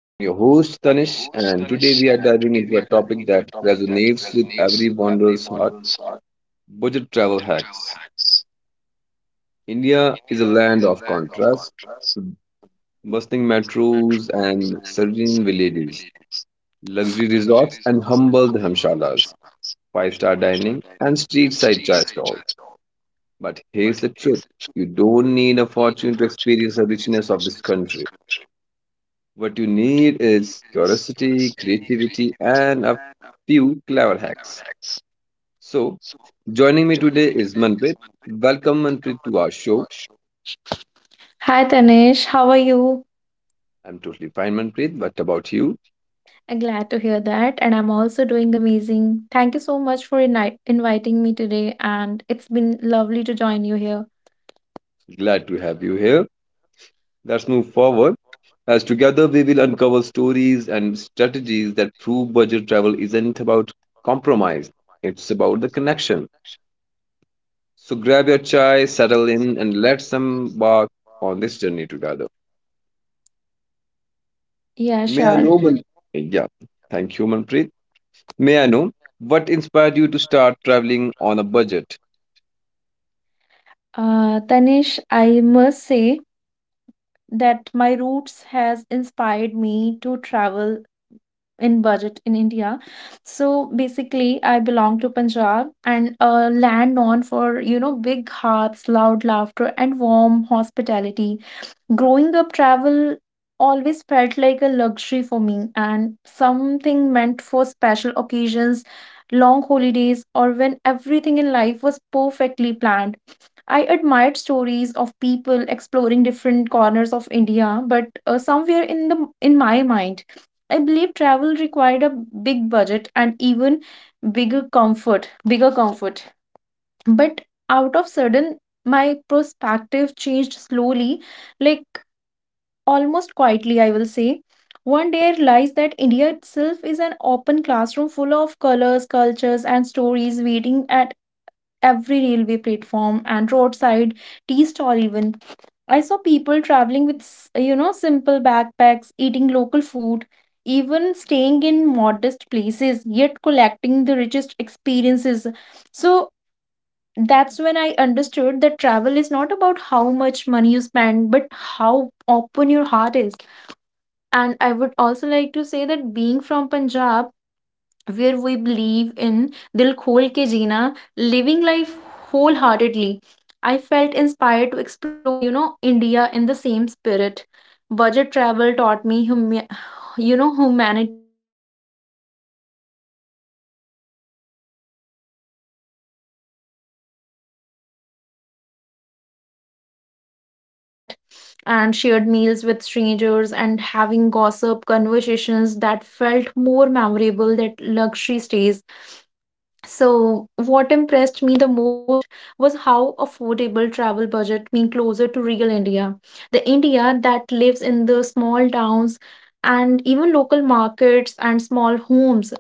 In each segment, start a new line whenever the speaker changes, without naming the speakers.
I'm your host Tanish and today we are diving into a topic that resonates with every wanderer's heart, budget travel hacks. India is a land of contrast, bustling metros and serene villages, luxury resorts and humble dhamshalas, five-star dining and street-side chai stalls. But here's the truth, you don't need a fortune to experience the richness of this country. What you need is curiosity, creativity, and a few clever hacks. So, joining me today is Manpreet. Welcome, Manpreet, to our show.
Hi Tanish, how are you?
I'm totally fine, Manpreet. What about you?
I'm glad to hear that, and I'm also doing amazing. Thank you so much for inviting me today, and it's been lovely to join you here.
Glad to have you here. Let's move forward as together we will uncover stories and strategies that prove budget travel isn't about compromise, it's about the connection. So, grab your chai, settle in, and let's embark on this journey together.
Yeah,
May I
sure.
know? Yeah, thank you, Manpreet. May I know what inspired you to start traveling on a budget?
Tanish, I must say that my roots has inspired me to travel in budget in India. So basically, I belong to Punjab and a land known for, big hearts, loud laughter, and warm hospitality. Growing up, travel always felt like a luxury for me, and something meant for special occasions, long holidays, or when everything in life was perfectly planned. I admired stories of people exploring different corners of India, but somewhere in my mind I believe travel required a big budget and even bigger comfort. But out of sudden my perspective changed slowly, like almost quietly, I will say. One day I realized that India itself is an open classroom full of colors, cultures, and stories waiting at every railway platform and roadside tea stall, even. I saw people traveling with, you know, simple backpacks, eating local food, even staying in modest places, yet collecting the richest experiences. So that's when I understood that travel is not about how much money you spend, but how open your heart is. And I would also like to say that being from Punjab, where we believe in Dil Khol Ke Jeena, living life wholeheartedly, I felt inspired to explore, you know, India in the same spirit. Budget travel taught me, you know, humanity, patience, and gratitude. I also learned to value overnight trains journeys, which I love the most, and I still love to join that. And shared meals with strangers and having gossip conversations that felt more memorable than luxury stays. So, what impressed me the most was how affordable travel budget me closer to real India, the India that lives in the small towns and even local markets and small homes.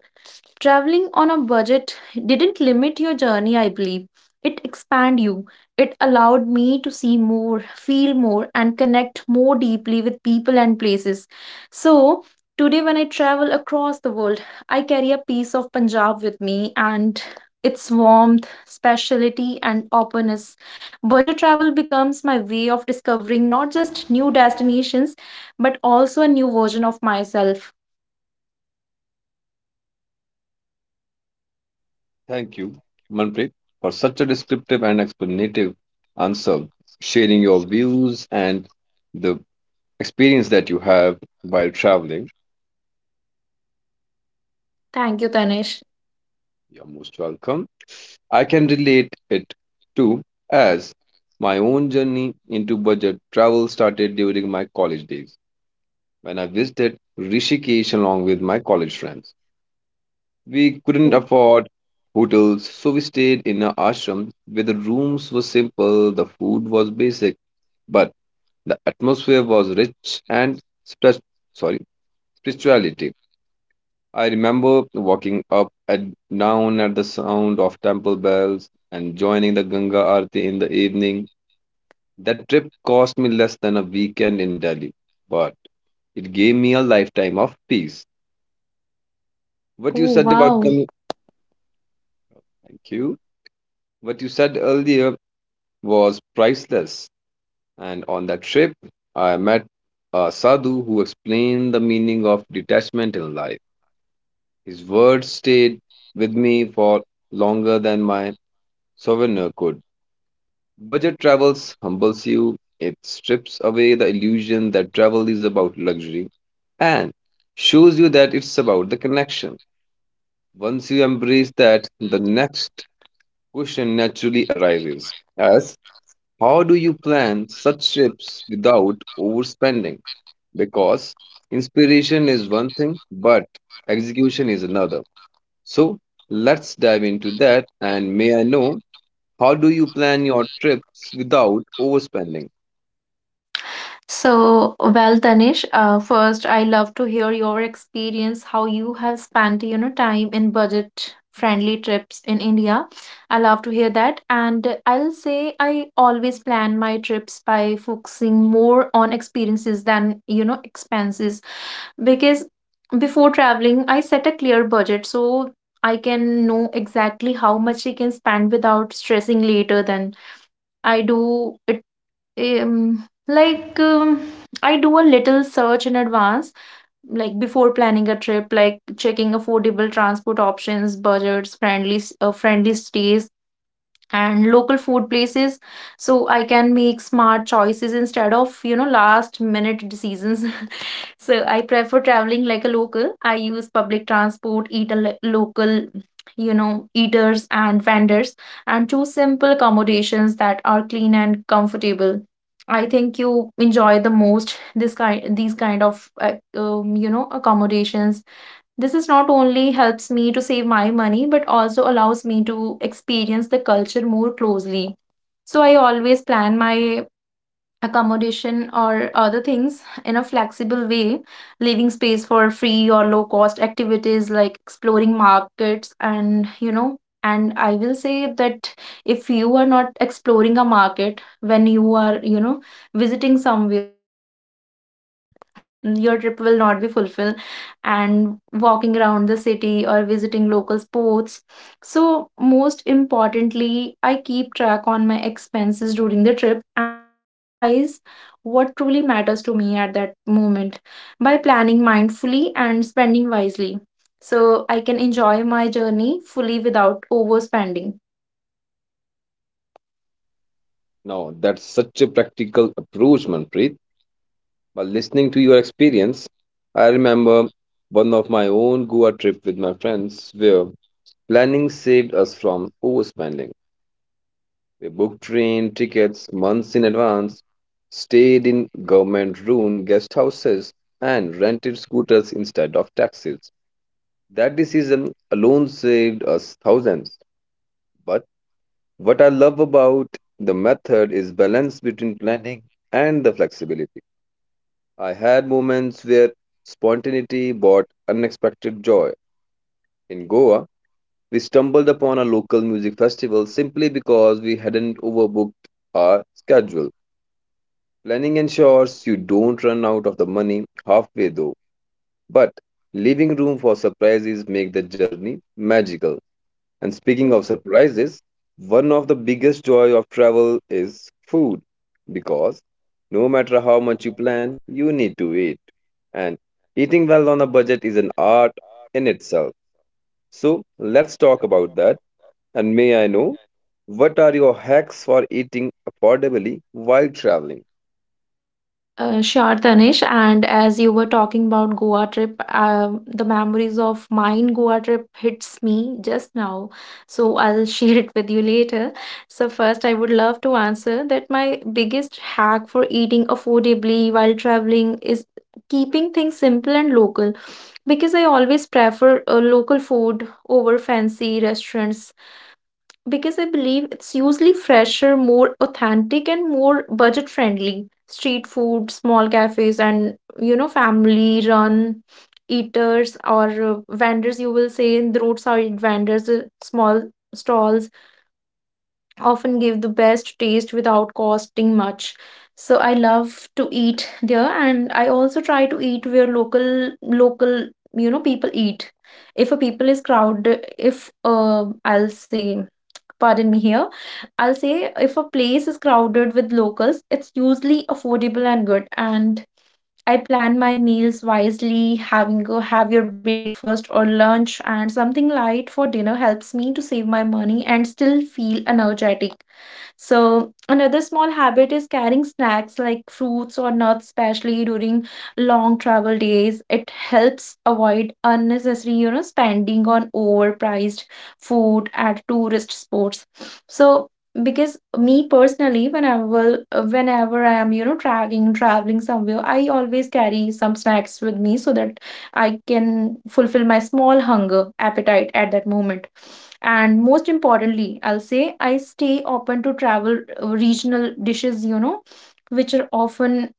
Traveling on a budget didn't limit your journey, I believe. It expanded you. It allowed me to see more, feel more, and connect more deeply with people and places. So, today, when I travel across the world, I carry a piece of Punjab with me, and its warmth, speciality, and openness. Budget travel becomes my way of discovering not just new destinations, but also a new version of myself.
Thank you, Manpreet, for such a descriptive and explanative answer, sharing your views and the experience that you have while traveling.
Thank you, Tanish.
You're most welcome. I can relate it to as my own journey into budget travel started during my college days when I visited Rishikesh along with my college friends. We couldn't afford hotels, so we stayed in an ashram where the rooms were simple, the food was basic, but the atmosphere was rich and spri- sorry, spirituality. I remember walking up and down at the sound of temple bells and joining the Ganga Aarti in the evening. That trip cost me less than a weekend in Delhi, but it gave me a lifetime of peace. What you
Oh,
said about
wow.
coming, thank you. What you said earlier was priceless. And on that trip, I met a sadhu who explained the meaning of detachment in life. His words stayed with me for longer than my souvenir could. Budget travels humbles you, it strips away the illusion that travel is about luxury and shows you that it's about the connection. Once you embrace that, the next question naturally arises. As How do you plan such trips without overspending? Because inspiration is one thing, but execution is another. So let's dive into that. And may I know, how do you plan your trips without overspending?
So, well, Tanish, first, I love to hear your experience, how you have spent, you know, time in budget-friendly trips in India. I love to hear that. And I'll say I always plan my trips by focusing more on experiences than, you know, expenses. Because before traveling, I set a clear budget so I can know exactly how much I can spend without stressing later. Then I do it um, like, um, I do a little search in advance, like before planning a trip, like checking affordable transport options, budgets, friendly, friendly stays, and local food places, so I can make smart choices instead of, you know, last minute decisions. So I prefer traveling like a local. I use public transport, eat a local, you know, eaters and vendors, and choose simple accommodations that are clean and comfortable. I think you enjoy the most this kind these kind of you know, accommodations. This is not only helps me to save my money, but also allows me to experience the culture more closely. So I always plan my accommodation or other things in a flexible way, leaving space for free or low cost activities like exploring markets, and you know, and I will say that if you are not exploring a market when you are, you know, visiting somewhere to explore something, your trip will not be fulfilled. And walking around the city or visiting local sports. So, most importantly, I keep track on my expenses during the trip and prioritize what truly matters to me at that moment. By planning mindfully and spending wisely, so I can enjoy my journey fully without overspending.
Now, that's such a practical approach, Manpreet. By listening to your experience, I remember one of my own Goa trip with my friends where planning saved us from overspending. We booked train tickets months in advance, stayed in government run guest houses, and rented scooters instead of taxis. That decision alone saved us thousands. But what I love about the method is balance between planning and the flexibility. I had moments where spontaneity brought unexpected joy. In Goa, we stumbled upon a local music festival simply because we hadn't overbooked our schedule. Planning ensures you don't run out of the money halfway though, but leaving room for surprises make the journey magical. And speaking of surprises, one of the biggest joy of travel is food because no matter how much you plan, you need to eat. And eating well on a budget is an art in itself. So let's talk about that. And may I know what are your hacks for eating affordably while traveling?
Sure, Tanish. And as you were talking about Goa trip, the memories of mine Goa trip hits me just now. So I'll share it with you later. So first, I would love to answer that my biggest hack for eating affordably while traveling is keeping things simple and local, because I always prefer local food over fancy restaurants, because I believe it's usually fresher, more authentic, and more budget friendly. Street food, small cafes, and you know, family run eaters or vendors, you will say, in the roadside vendors, small stalls often give the best taste without costing much. So I love to eat there, and I also try to eat where local local you know, people eat. If a people is crowded, if I'll say, pardon me here, I'll say if a place is crowded with locals, it's usually affordable and good. And I plan my meals wisely, having go have your breakfast or lunch, and something light for dinner helps me to save my money and still feel energetic. So, another small habit is carrying snacks like fruits or nuts, especially during long travel days. It helps avoid unnecessary, you know, spending on overpriced food at tourist spots. So, because me personally, whenever I am, you know, traveling somewhere, I always carry some snacks with me, so that I can fulfill my small hunger appetite at that moment. And most importantly, I'll say I stay open to travel regional dishes, you know, which are often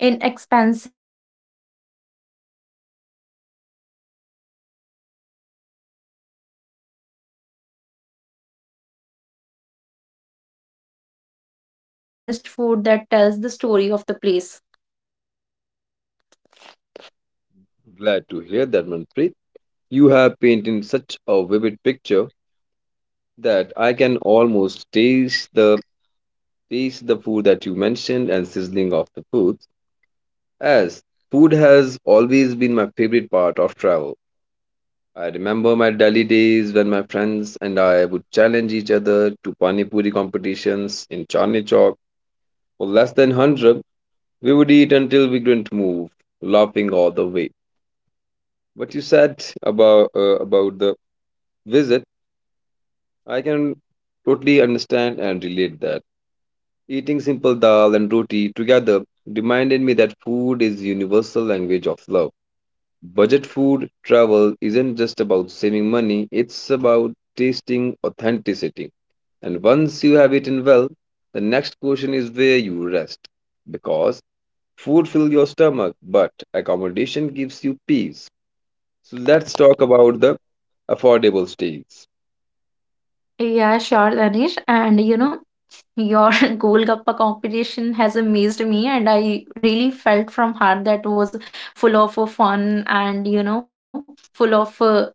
inexpensive and deeply connected to the culture. So for me, eating affordably doesn't mean compromising on quality, but yes, it means enjoying honest food that tells the story of the place.
Glad to hear that, Manpreet. You have painted such a vivid picture that I can almost taste the food that you mentioned and sizzling of the foods. As food has always been my favorite part of travel. I remember my Delhi days when my friends and I would challenge each other to pani puri competitions in Chandni Chowk. For less than 100, we would eat until we couldn't move, laughing all the way. What you said about the visit I can totally understand and relate that. Eating simple dal and roti together reminded me that food is universal language of love. Budget food travel isn't just about saving money, it's about tasting authenticity. And once you have eaten well, the next question is where you rest. Because food fills your stomach, but accommodation gives you peace. So let's talk about the affordable stays.
Yeah, sure, Danish. And you know, your Golgappa competition has amazed me, and I really felt from heart that was full of fun, and you know, full of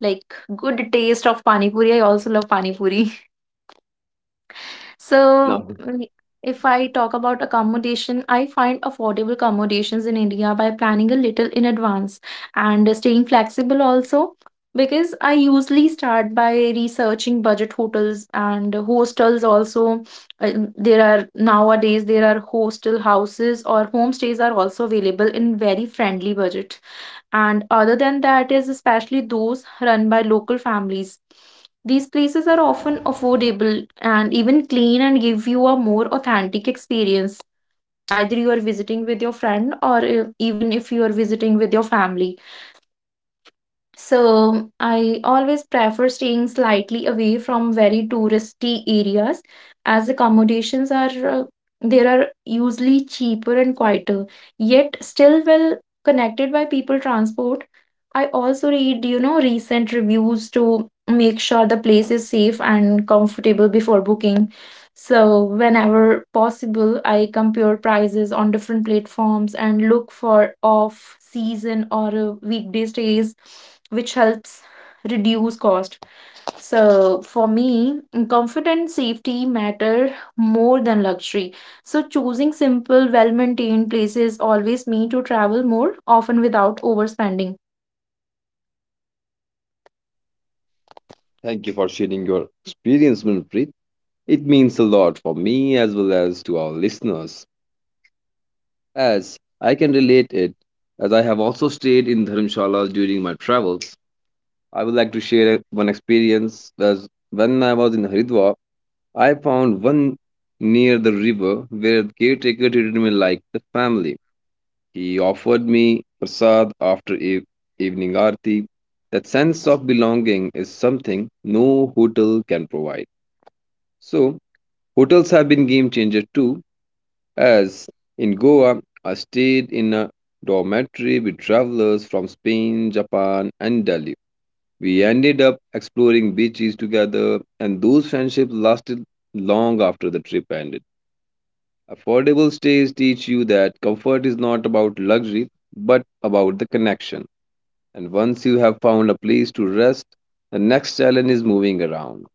like good taste of pani puri. I also love pani puri.
Now,
So, if I talk about accommodation, I find affordable accommodations in India by planning a little in advance, and staying flexible also. Because I usually start by researching budget hotels and hostels also. There are, nowadays there are hostel houses or homestays are also available in very friendly budget. And other than that is especially those run by local families. These places are often affordable and even clean, and give you a more authentic experience. Either you are visiting with your friend, or even if you are visiting with your family. So I always prefer staying slightly away from very touristy areas, as accommodations are there are usually cheaper and quieter, yet still well connected by people transport. I also read, you know, recent reviews to make sure the place is safe and comfortable before booking. So, whenever possible, I compare prices on different platforms and look for off season or weekday stays, which helps reduce cost. So, for me, comfort and safety matter more than luxury. So, choosing simple, well maintained places always mean to travel more often without overspending.
Thank you for sharing your experience, Manpreet. It means a lot for me as well as to our listeners, as I can relate it, as I have also stayed in Dharamshala during my travels. I would like to share one experience as when I was in Haridwar, I found one near the river where the caretaker treated me like the family. He offered me prasad after evening aarti. That sense of belonging is something no hotel can provide. So, hotels have been game changer too, as in Goa, I stayed in a dormitory with travelers from Spain, Japan, and Delhi. We ended up exploring beaches together, and those friendships lasted long after the trip ended. Affordable stays teach you that comfort is not about luxury, but about the connection. And once you have found a place to rest, the next challenge is moving around.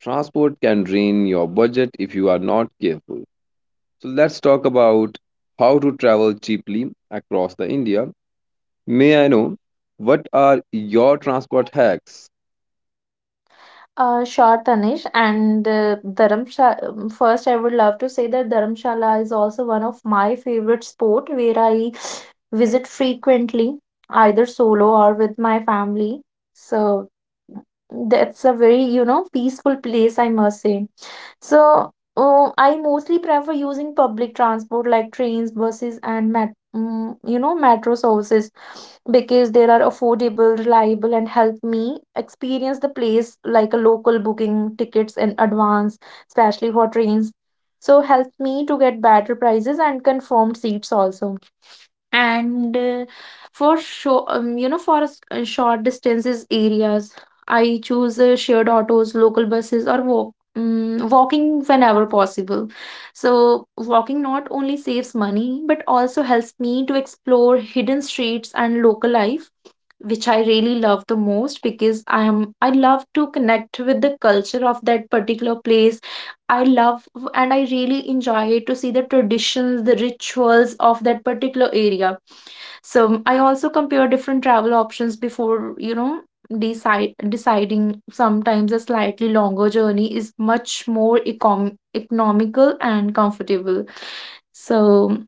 Transport can drain your budget if you are not careful. So let's talk about how to travel cheaply across the India. May I know what are your transport hacks?
Sure, Tanish. And Dharamshala, first, I would love to say that Dharamshala is also one of my favorite sport where I visit frequently, either solo or with my family. So that's a very, you know, peaceful place, I must say. So, I mostly prefer using public transport like trains, buses, and you know, metro services, because they are affordable, reliable, and help me experience the place like a local, booking tickets in advance, especially for trains. So, help me to get better prices and confirmed seats also. And for show you know, for short distances areas, I choose shared autos, local buses, or walk. Walking whenever possible. So, walking not only saves money but also helps me to explore hidden streets and local life, which I really love the most, because I love to connect with the culture of that particular place. I love, and I really enjoy to see the traditions, the rituals of that particular area. So I also compare different travel options before, you know, decide deciding sometimes a slightly longer journey is much more economical and comfortable. So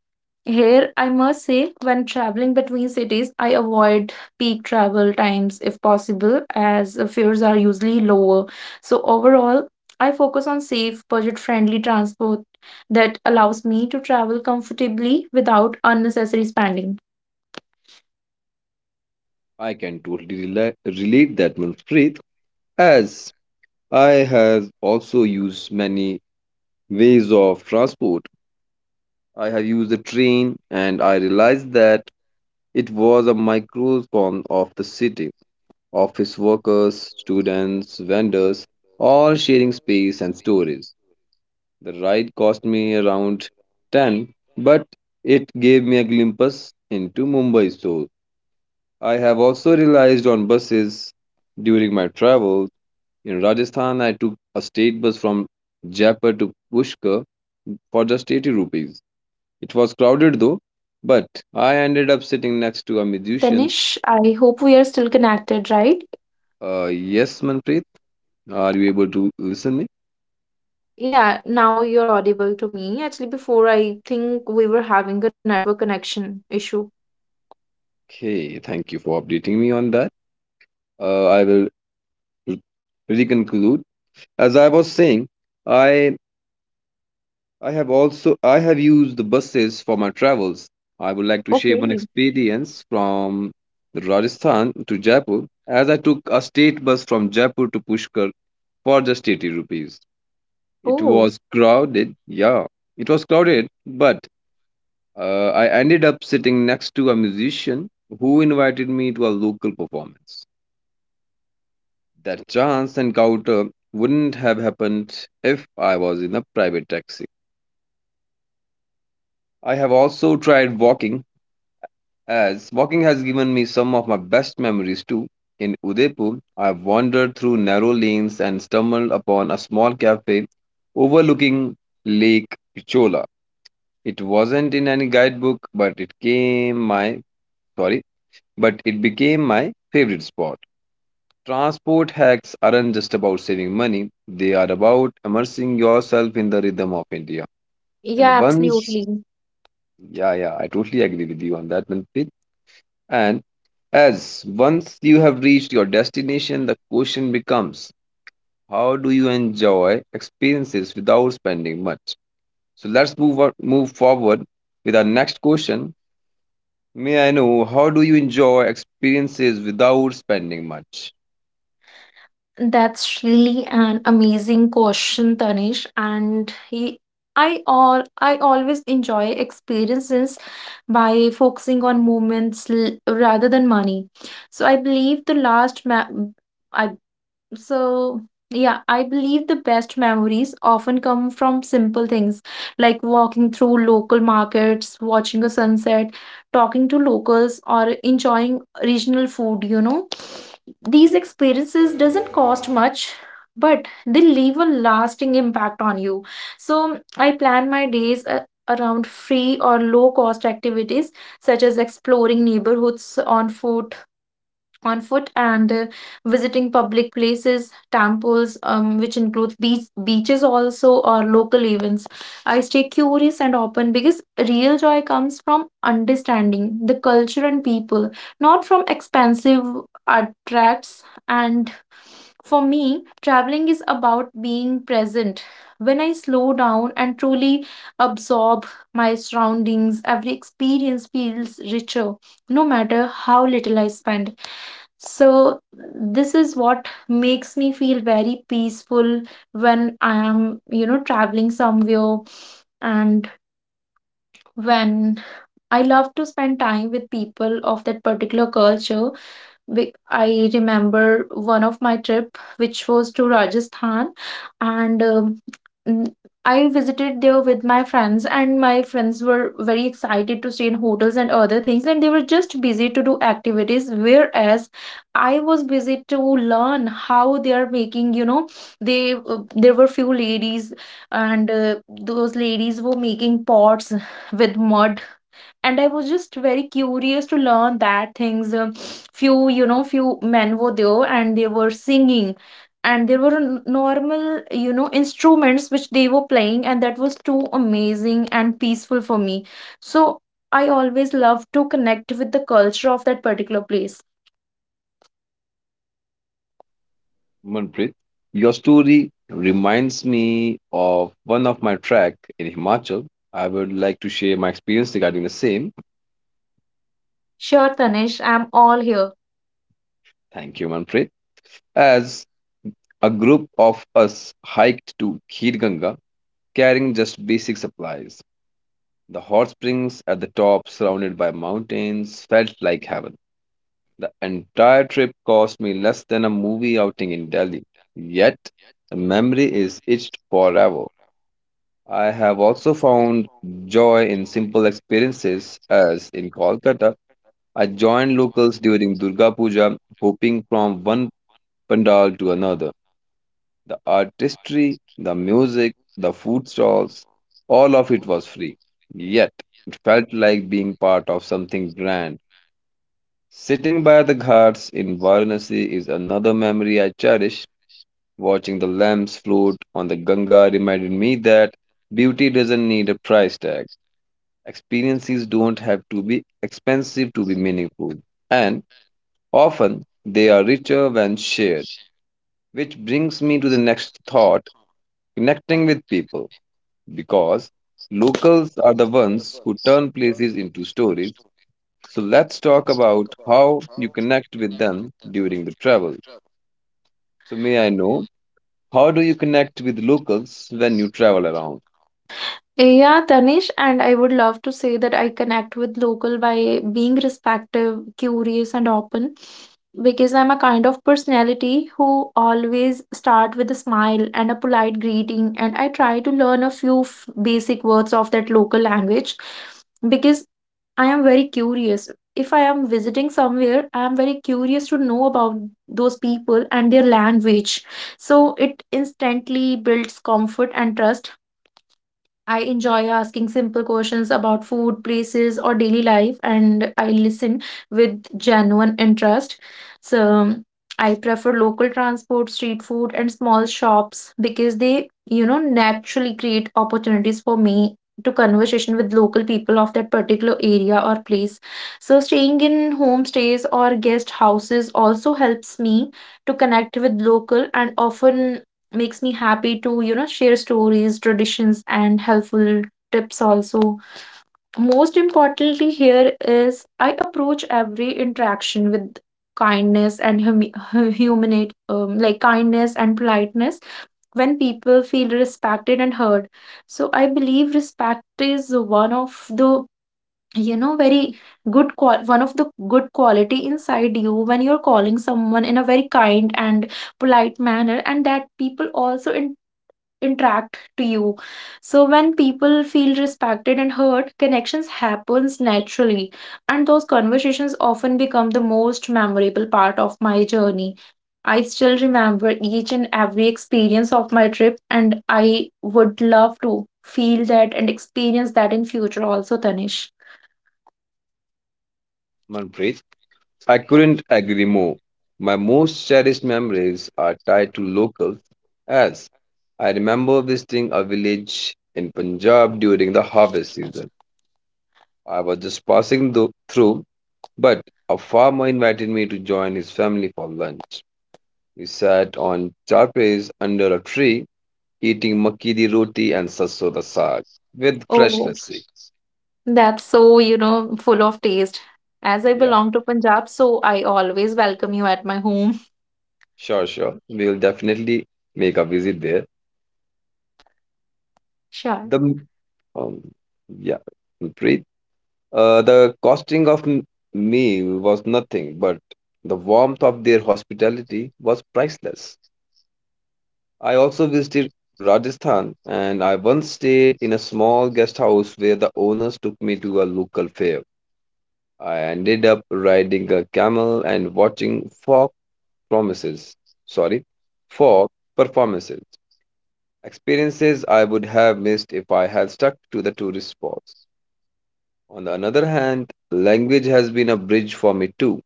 here I must say when traveling between cities, I avoid peak travel times if possible, as fares are usually lower. So overall, I focus on safe, budget-friendly transport that allows me to travel comfortably without unnecessary spending.
I can totally relate that, Manpreet, as I have also used many ways of transport. I have used the train and I realized that it was a microcosm of the city. Office workers, students, vendors, all sharing space and stories. The ride cost me around 10, but it gave me a glimpse into Mumbai soul. I have also realized on buses during my travels. In Rajasthan, I took a state bus from Jaipur to Pushkar for just 80 rupees. It was crowded though, but I ended up sitting next to a musician.
Tanish, I hope we are still connected, right?
Yes, Manpreet, are you able to listen me?
Yeah, now you're audible to me. Actually, before I think we were having a network connection issue,
Okay, thank you for updating me on that. I
but
will
now it's
re-
completely fine. Please
reconclude.
proceed.
As
I
I
love
was
to
saying,
listen.
I I have used the buses for my travels. I would like to share one
Okay.
experience from Rajasthan to Jaipur as I took a state bus from Jaipur to Pushkar for just 80 rupees. It
Oh,
was crowded, yeah. It was crowded, but I ended up sitting next to a musician who invited me to a local performance. That chance encounter wouldn't have happened if I was in a private taxi. I have also tried walking, as walking has given me some of my best memories too. In Udaipur, I have wandered through narrow lanes and stumbled upon a small cafe overlooking Lake Pichola. It wasn't in any guidebook, sorry, but it became my favorite spot. Transport hacks aren't just about saving money; they are about immersing yourself in the rhythm of India. And
yeah,
once,
absolutely.
yeah, yeah, I totally agree with you on that, Manpreet. And as once you have reached your destination, the question becomes how do you enjoy experiences without spending much? So let's move on, move forward with our next question. May I know how do you enjoy experiences without spending much?
That's really an amazing question, Tanish. And he, I always enjoy experiences by focusing on moments rather than money. So I believe the last ma- I so, yeah, I believe the best memories often come from simple things like walking through local markets, watching a sunset, talking to locals, or enjoying regional food. These experiences doesn't cost much, but they leave a lasting impact on you. So, I plan my days around free or low cost activities such as exploring neighborhoods on foot and visiting public places, temples, which includes beaches also or local events. I stay curious and open because real joy comes from understanding the culture and people, not from expensive attracts. And for me, traveling is about being present. When I slow down and truly absorb my surroundings, every experience feels richer, no matter how little I spend. So, this is what makes me feel very peaceful when I am, you know, traveling somewhere and when I love to spend time with people of that particular culture I remember one of my trip, which was to Rajasthan, and n- I visited there with my friends, and my friends were very excited to stay in hotels and other things, and they were just busy to do activities, whereas I was busy to learn how they are making, you know, they there were few ladies, and those ladies were making pots with mud, and I was just very curious to learn that things. Few, you know, few men were there and they were singing, and there were normal, you know, instruments which they were playing, and that was too amazing and peaceful for me. So I always love to connect with the culture of that particular place.
Manpreet, your story reminds me of one of my trek in Himachal. I would like to share my experience regarding the same.
Sure, Tanish, I'm all here.
Thank you, Manpreet. As A group of us hiked to Khirganga, carrying just basic supplies. The hot springs at the top, surrounded by mountains, felt like heaven. The entire trip cost me less than a movie outing in Delhi. Yet, the memory is etched forever. I have also found joy in simple experiences, as in Kolkata, I joined locals during Durga Puja, hopping from one pandal to another. The artistry, the music, the food stalls, all of it was free. Yet, it felt like being part of something grand. Sitting by the ghats in Varanasi is another memory I cherish. Watching the lamps float on the Ganga reminded me that beauty doesn't need a price tag. Experiences don't have to be expensive to be meaningful. And often, they are richer when shared. Which brings me to the next thought, connecting with people, because locals are the ones who turn places into stories. So let's talk about how you connect with them during the travel. So, may I know how do you connect with locals when you travel around?
Yeah, Tanish, and I would love to say that I connect with local by being respective, curious, and open because I'm a kind of personality who always start with a smile and a polite greeting, and I try to learn a few basic words of that local language because I am very curious. If I am visiting somewhere, I am very curious to know about those people and their language. So it instantly builds comfort and trust. I enjoy asking simple questions about food, places, or daily life, and I listen with genuine interest. So, I prefer local transport, street food, and small shops because they, you know, naturally create opportunities for me to conversation with local people of that particular area or place. So, staying in homestays or guest houses also helps me to connect with local, and often makes me happy to, you know, share stories, traditions, and helpful tips also. Most importantly here is I approach every interaction with kindness and hum- hu- humanate like kindness and politeness. When people feel respected and heard, so I believe respect is one of the, you know, very one of the good quality inside you. When you're calling someone in a very kind and polite manner, and that people also interact to you. So when people feel respected and heard, connections happens naturally, and those conversations often become the most memorable part of my journey. I still remember each and every experience of my trip, and I would love to feel that and experience that in future also, Tanish.
Manpreet, I couldn't agree more. My most cherished memories are tied to locals as I remember visiting a village in Punjab during the harvest season. I was just passing through. But a farmer invited me to join his family for lunch. We sat on charpes under a tree, eating makki di roti and sarso da saag with fresh
Oh,
lassi.
that's so, you know, full of taste. As I
Yeah,
belong to Punjab, so I always welcome you at my home.
sure, sure. We will definitely make a visit there.
Sure.
The m- um, yeah, Preet. The costing of meal was nothing, but the warmth of their hospitality was priceless. I also visited Rajasthan and I once stayed in a small guest house where the owners took me to a local fair. I ended up riding a camel and watching promises, sorry, folk performances. Experiences I would have missed if I had stuck to the tourist spots. On the other hand, language has been a bridge for me too.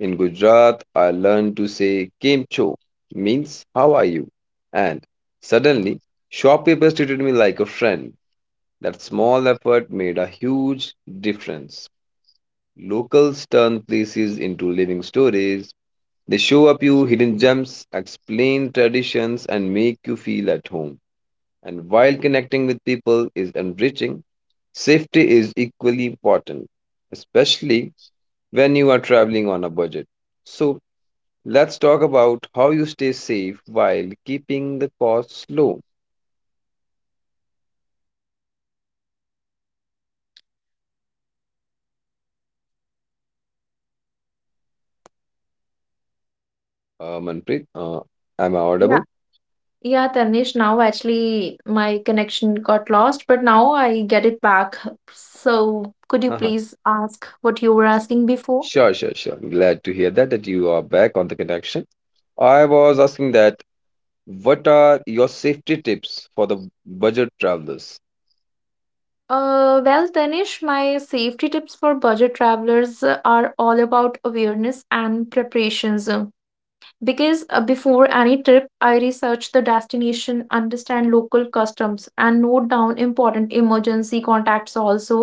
In Gujarat, I learned to say Kem Cho, means how are you? And suddenly, shopkeepers treated me like a friend. That small effort made a huge difference. Locals turn places into living stories. They show up you hidden gems, explain traditions, and make you feel at home. And while connecting with people is enriching, safety is equally important, especially when you are traveling on a budget. So, let's talk about how you stay safe while keeping the costs low. Manpreet, am I
Yeah.
audible?
Yeah, Tanish, now actually my connection got lost, but now I get it back. So could you
Uh-huh.
please ask what you were asking before?
Sure, sure, sure. Glad to hear that you are back on the connection. I was asking that what are your safety tips for the budget travelers?
Well, Tanish, my safety tips for budget travelers are all about awareness and preparations. Because before any trip, I research the destination, understand local customs, and note down important emergency contacts also,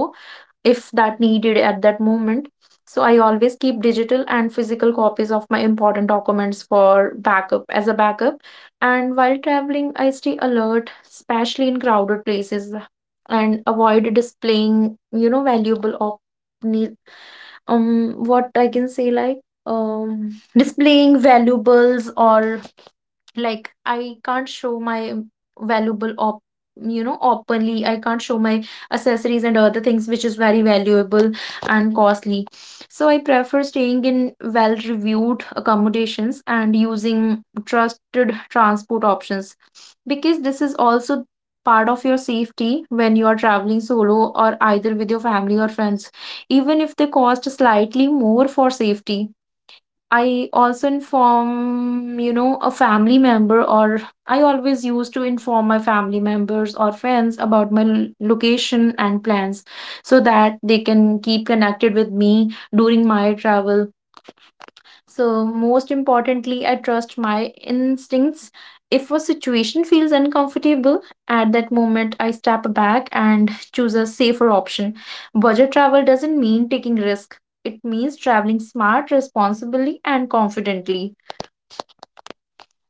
if that needed at that moment. So I always keep digital and physical copies of my important documents for backup as a backup. And while traveling, I stay alert, especially in crowded places, and avoid displaying, you know, valuable or need, what I can say, like displaying valuables, or like I can't show my valuable op, you know, openly I can't show my accessories and other things which is very valuable and costly. So I prefer staying in well reviewed accommodations and using trusted transport options, because this is also part of your safety when you are traveling solo or either with your family or friends, even if they cost slightly more for safety. I also inform, you know, a family member, or I always used to inform my family members or friends about my location and plans so that they can keep connected with me during my travel. So, most importantly, I trust my instincts. If a situation feels uncomfortable, at that moment I step back and choose a safer option. Budget travel doesn't mean taking risk. It means traveling smart, responsibly, and confidently.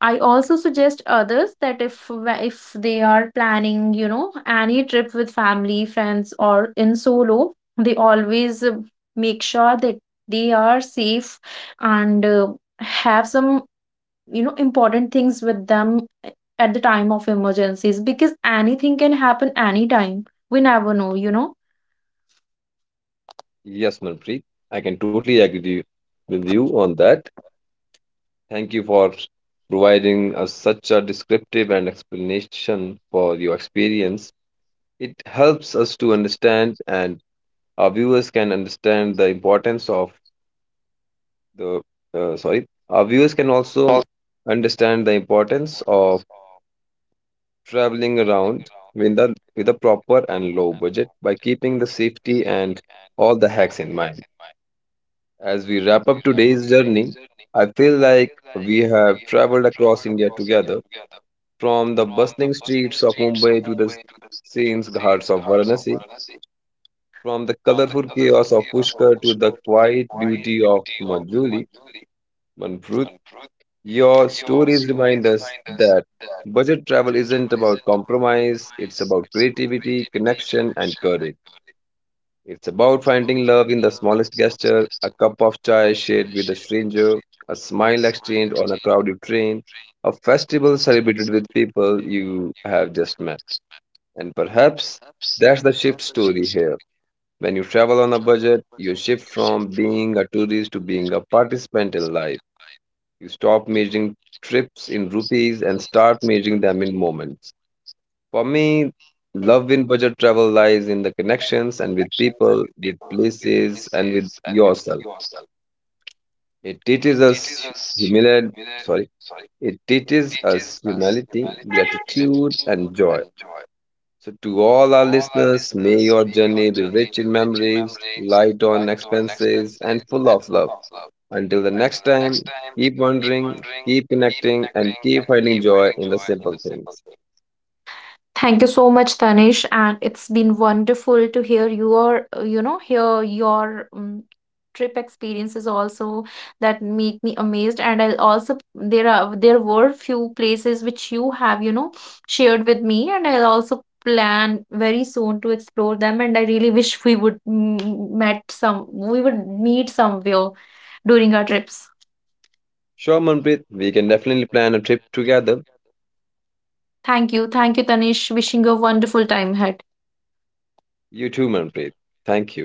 I also suggest others that if they are planning, you know, any trip with family, friends, or in solo, they always make sure that they are safe, and have some, you know, important things with them at the time of emergencies, because anything can happen anytime. We never know, you know.
Yes, Manpreet, I can totally agree with you on that. Thank you for providing us such a descriptive and explanation for your experience. It helps us to understand, and our viewers can understand the importance of the sorry. Our viewers can also understand the importance of traveling around with a proper and low budget by keeping the safety and all the hacks in mind. As we wrap up today's journey, I feel like we have traveled across India together, from the bustling streets of Mumbai to the scenes ghats of Varanasi, from the colorful chaos of Pushkar to the quiet beauty of Manjuli. Manpreet, your stories remind us that budget travel isn't about compromise, it's about creativity, connection, and courage. It's about finding love in the smallest gesture, a cup of chai shared with a stranger, a smile exchanged on a crowded train, a festival celebrated with people you have just met. And perhaps that's the shift story here. When you travel on a budget, you shift from being a tourist to being a participant in life. You stop measuring trips in rupees and start measuring them in moments. For me, love in budget travel lies in the connections and with people, with places, and with yourself. It teaches us humility, sorry, it teaches us humility, gratitude, and joy. So, to all our listeners, may your journey be rich in memories, light on expenses, and full of love. Until the next time, keep wondering, keep connecting, and keep finding joy in the simple things.
Thank you so much, Tanish, and it's been wonderful to hear your, you know, hear your trip experiences also that make me amazed. And I'll also, there were few places which you have, you know, shared with me, and I'll also plan very soon to explore them. And I really wish we would we would meet somewhere during our trips.
Sure, Manpreet, we can definitely plan a trip together.
Thank you, Tanish. Wishing you a wonderful time ahead.
You too, Manpreet. Thank you.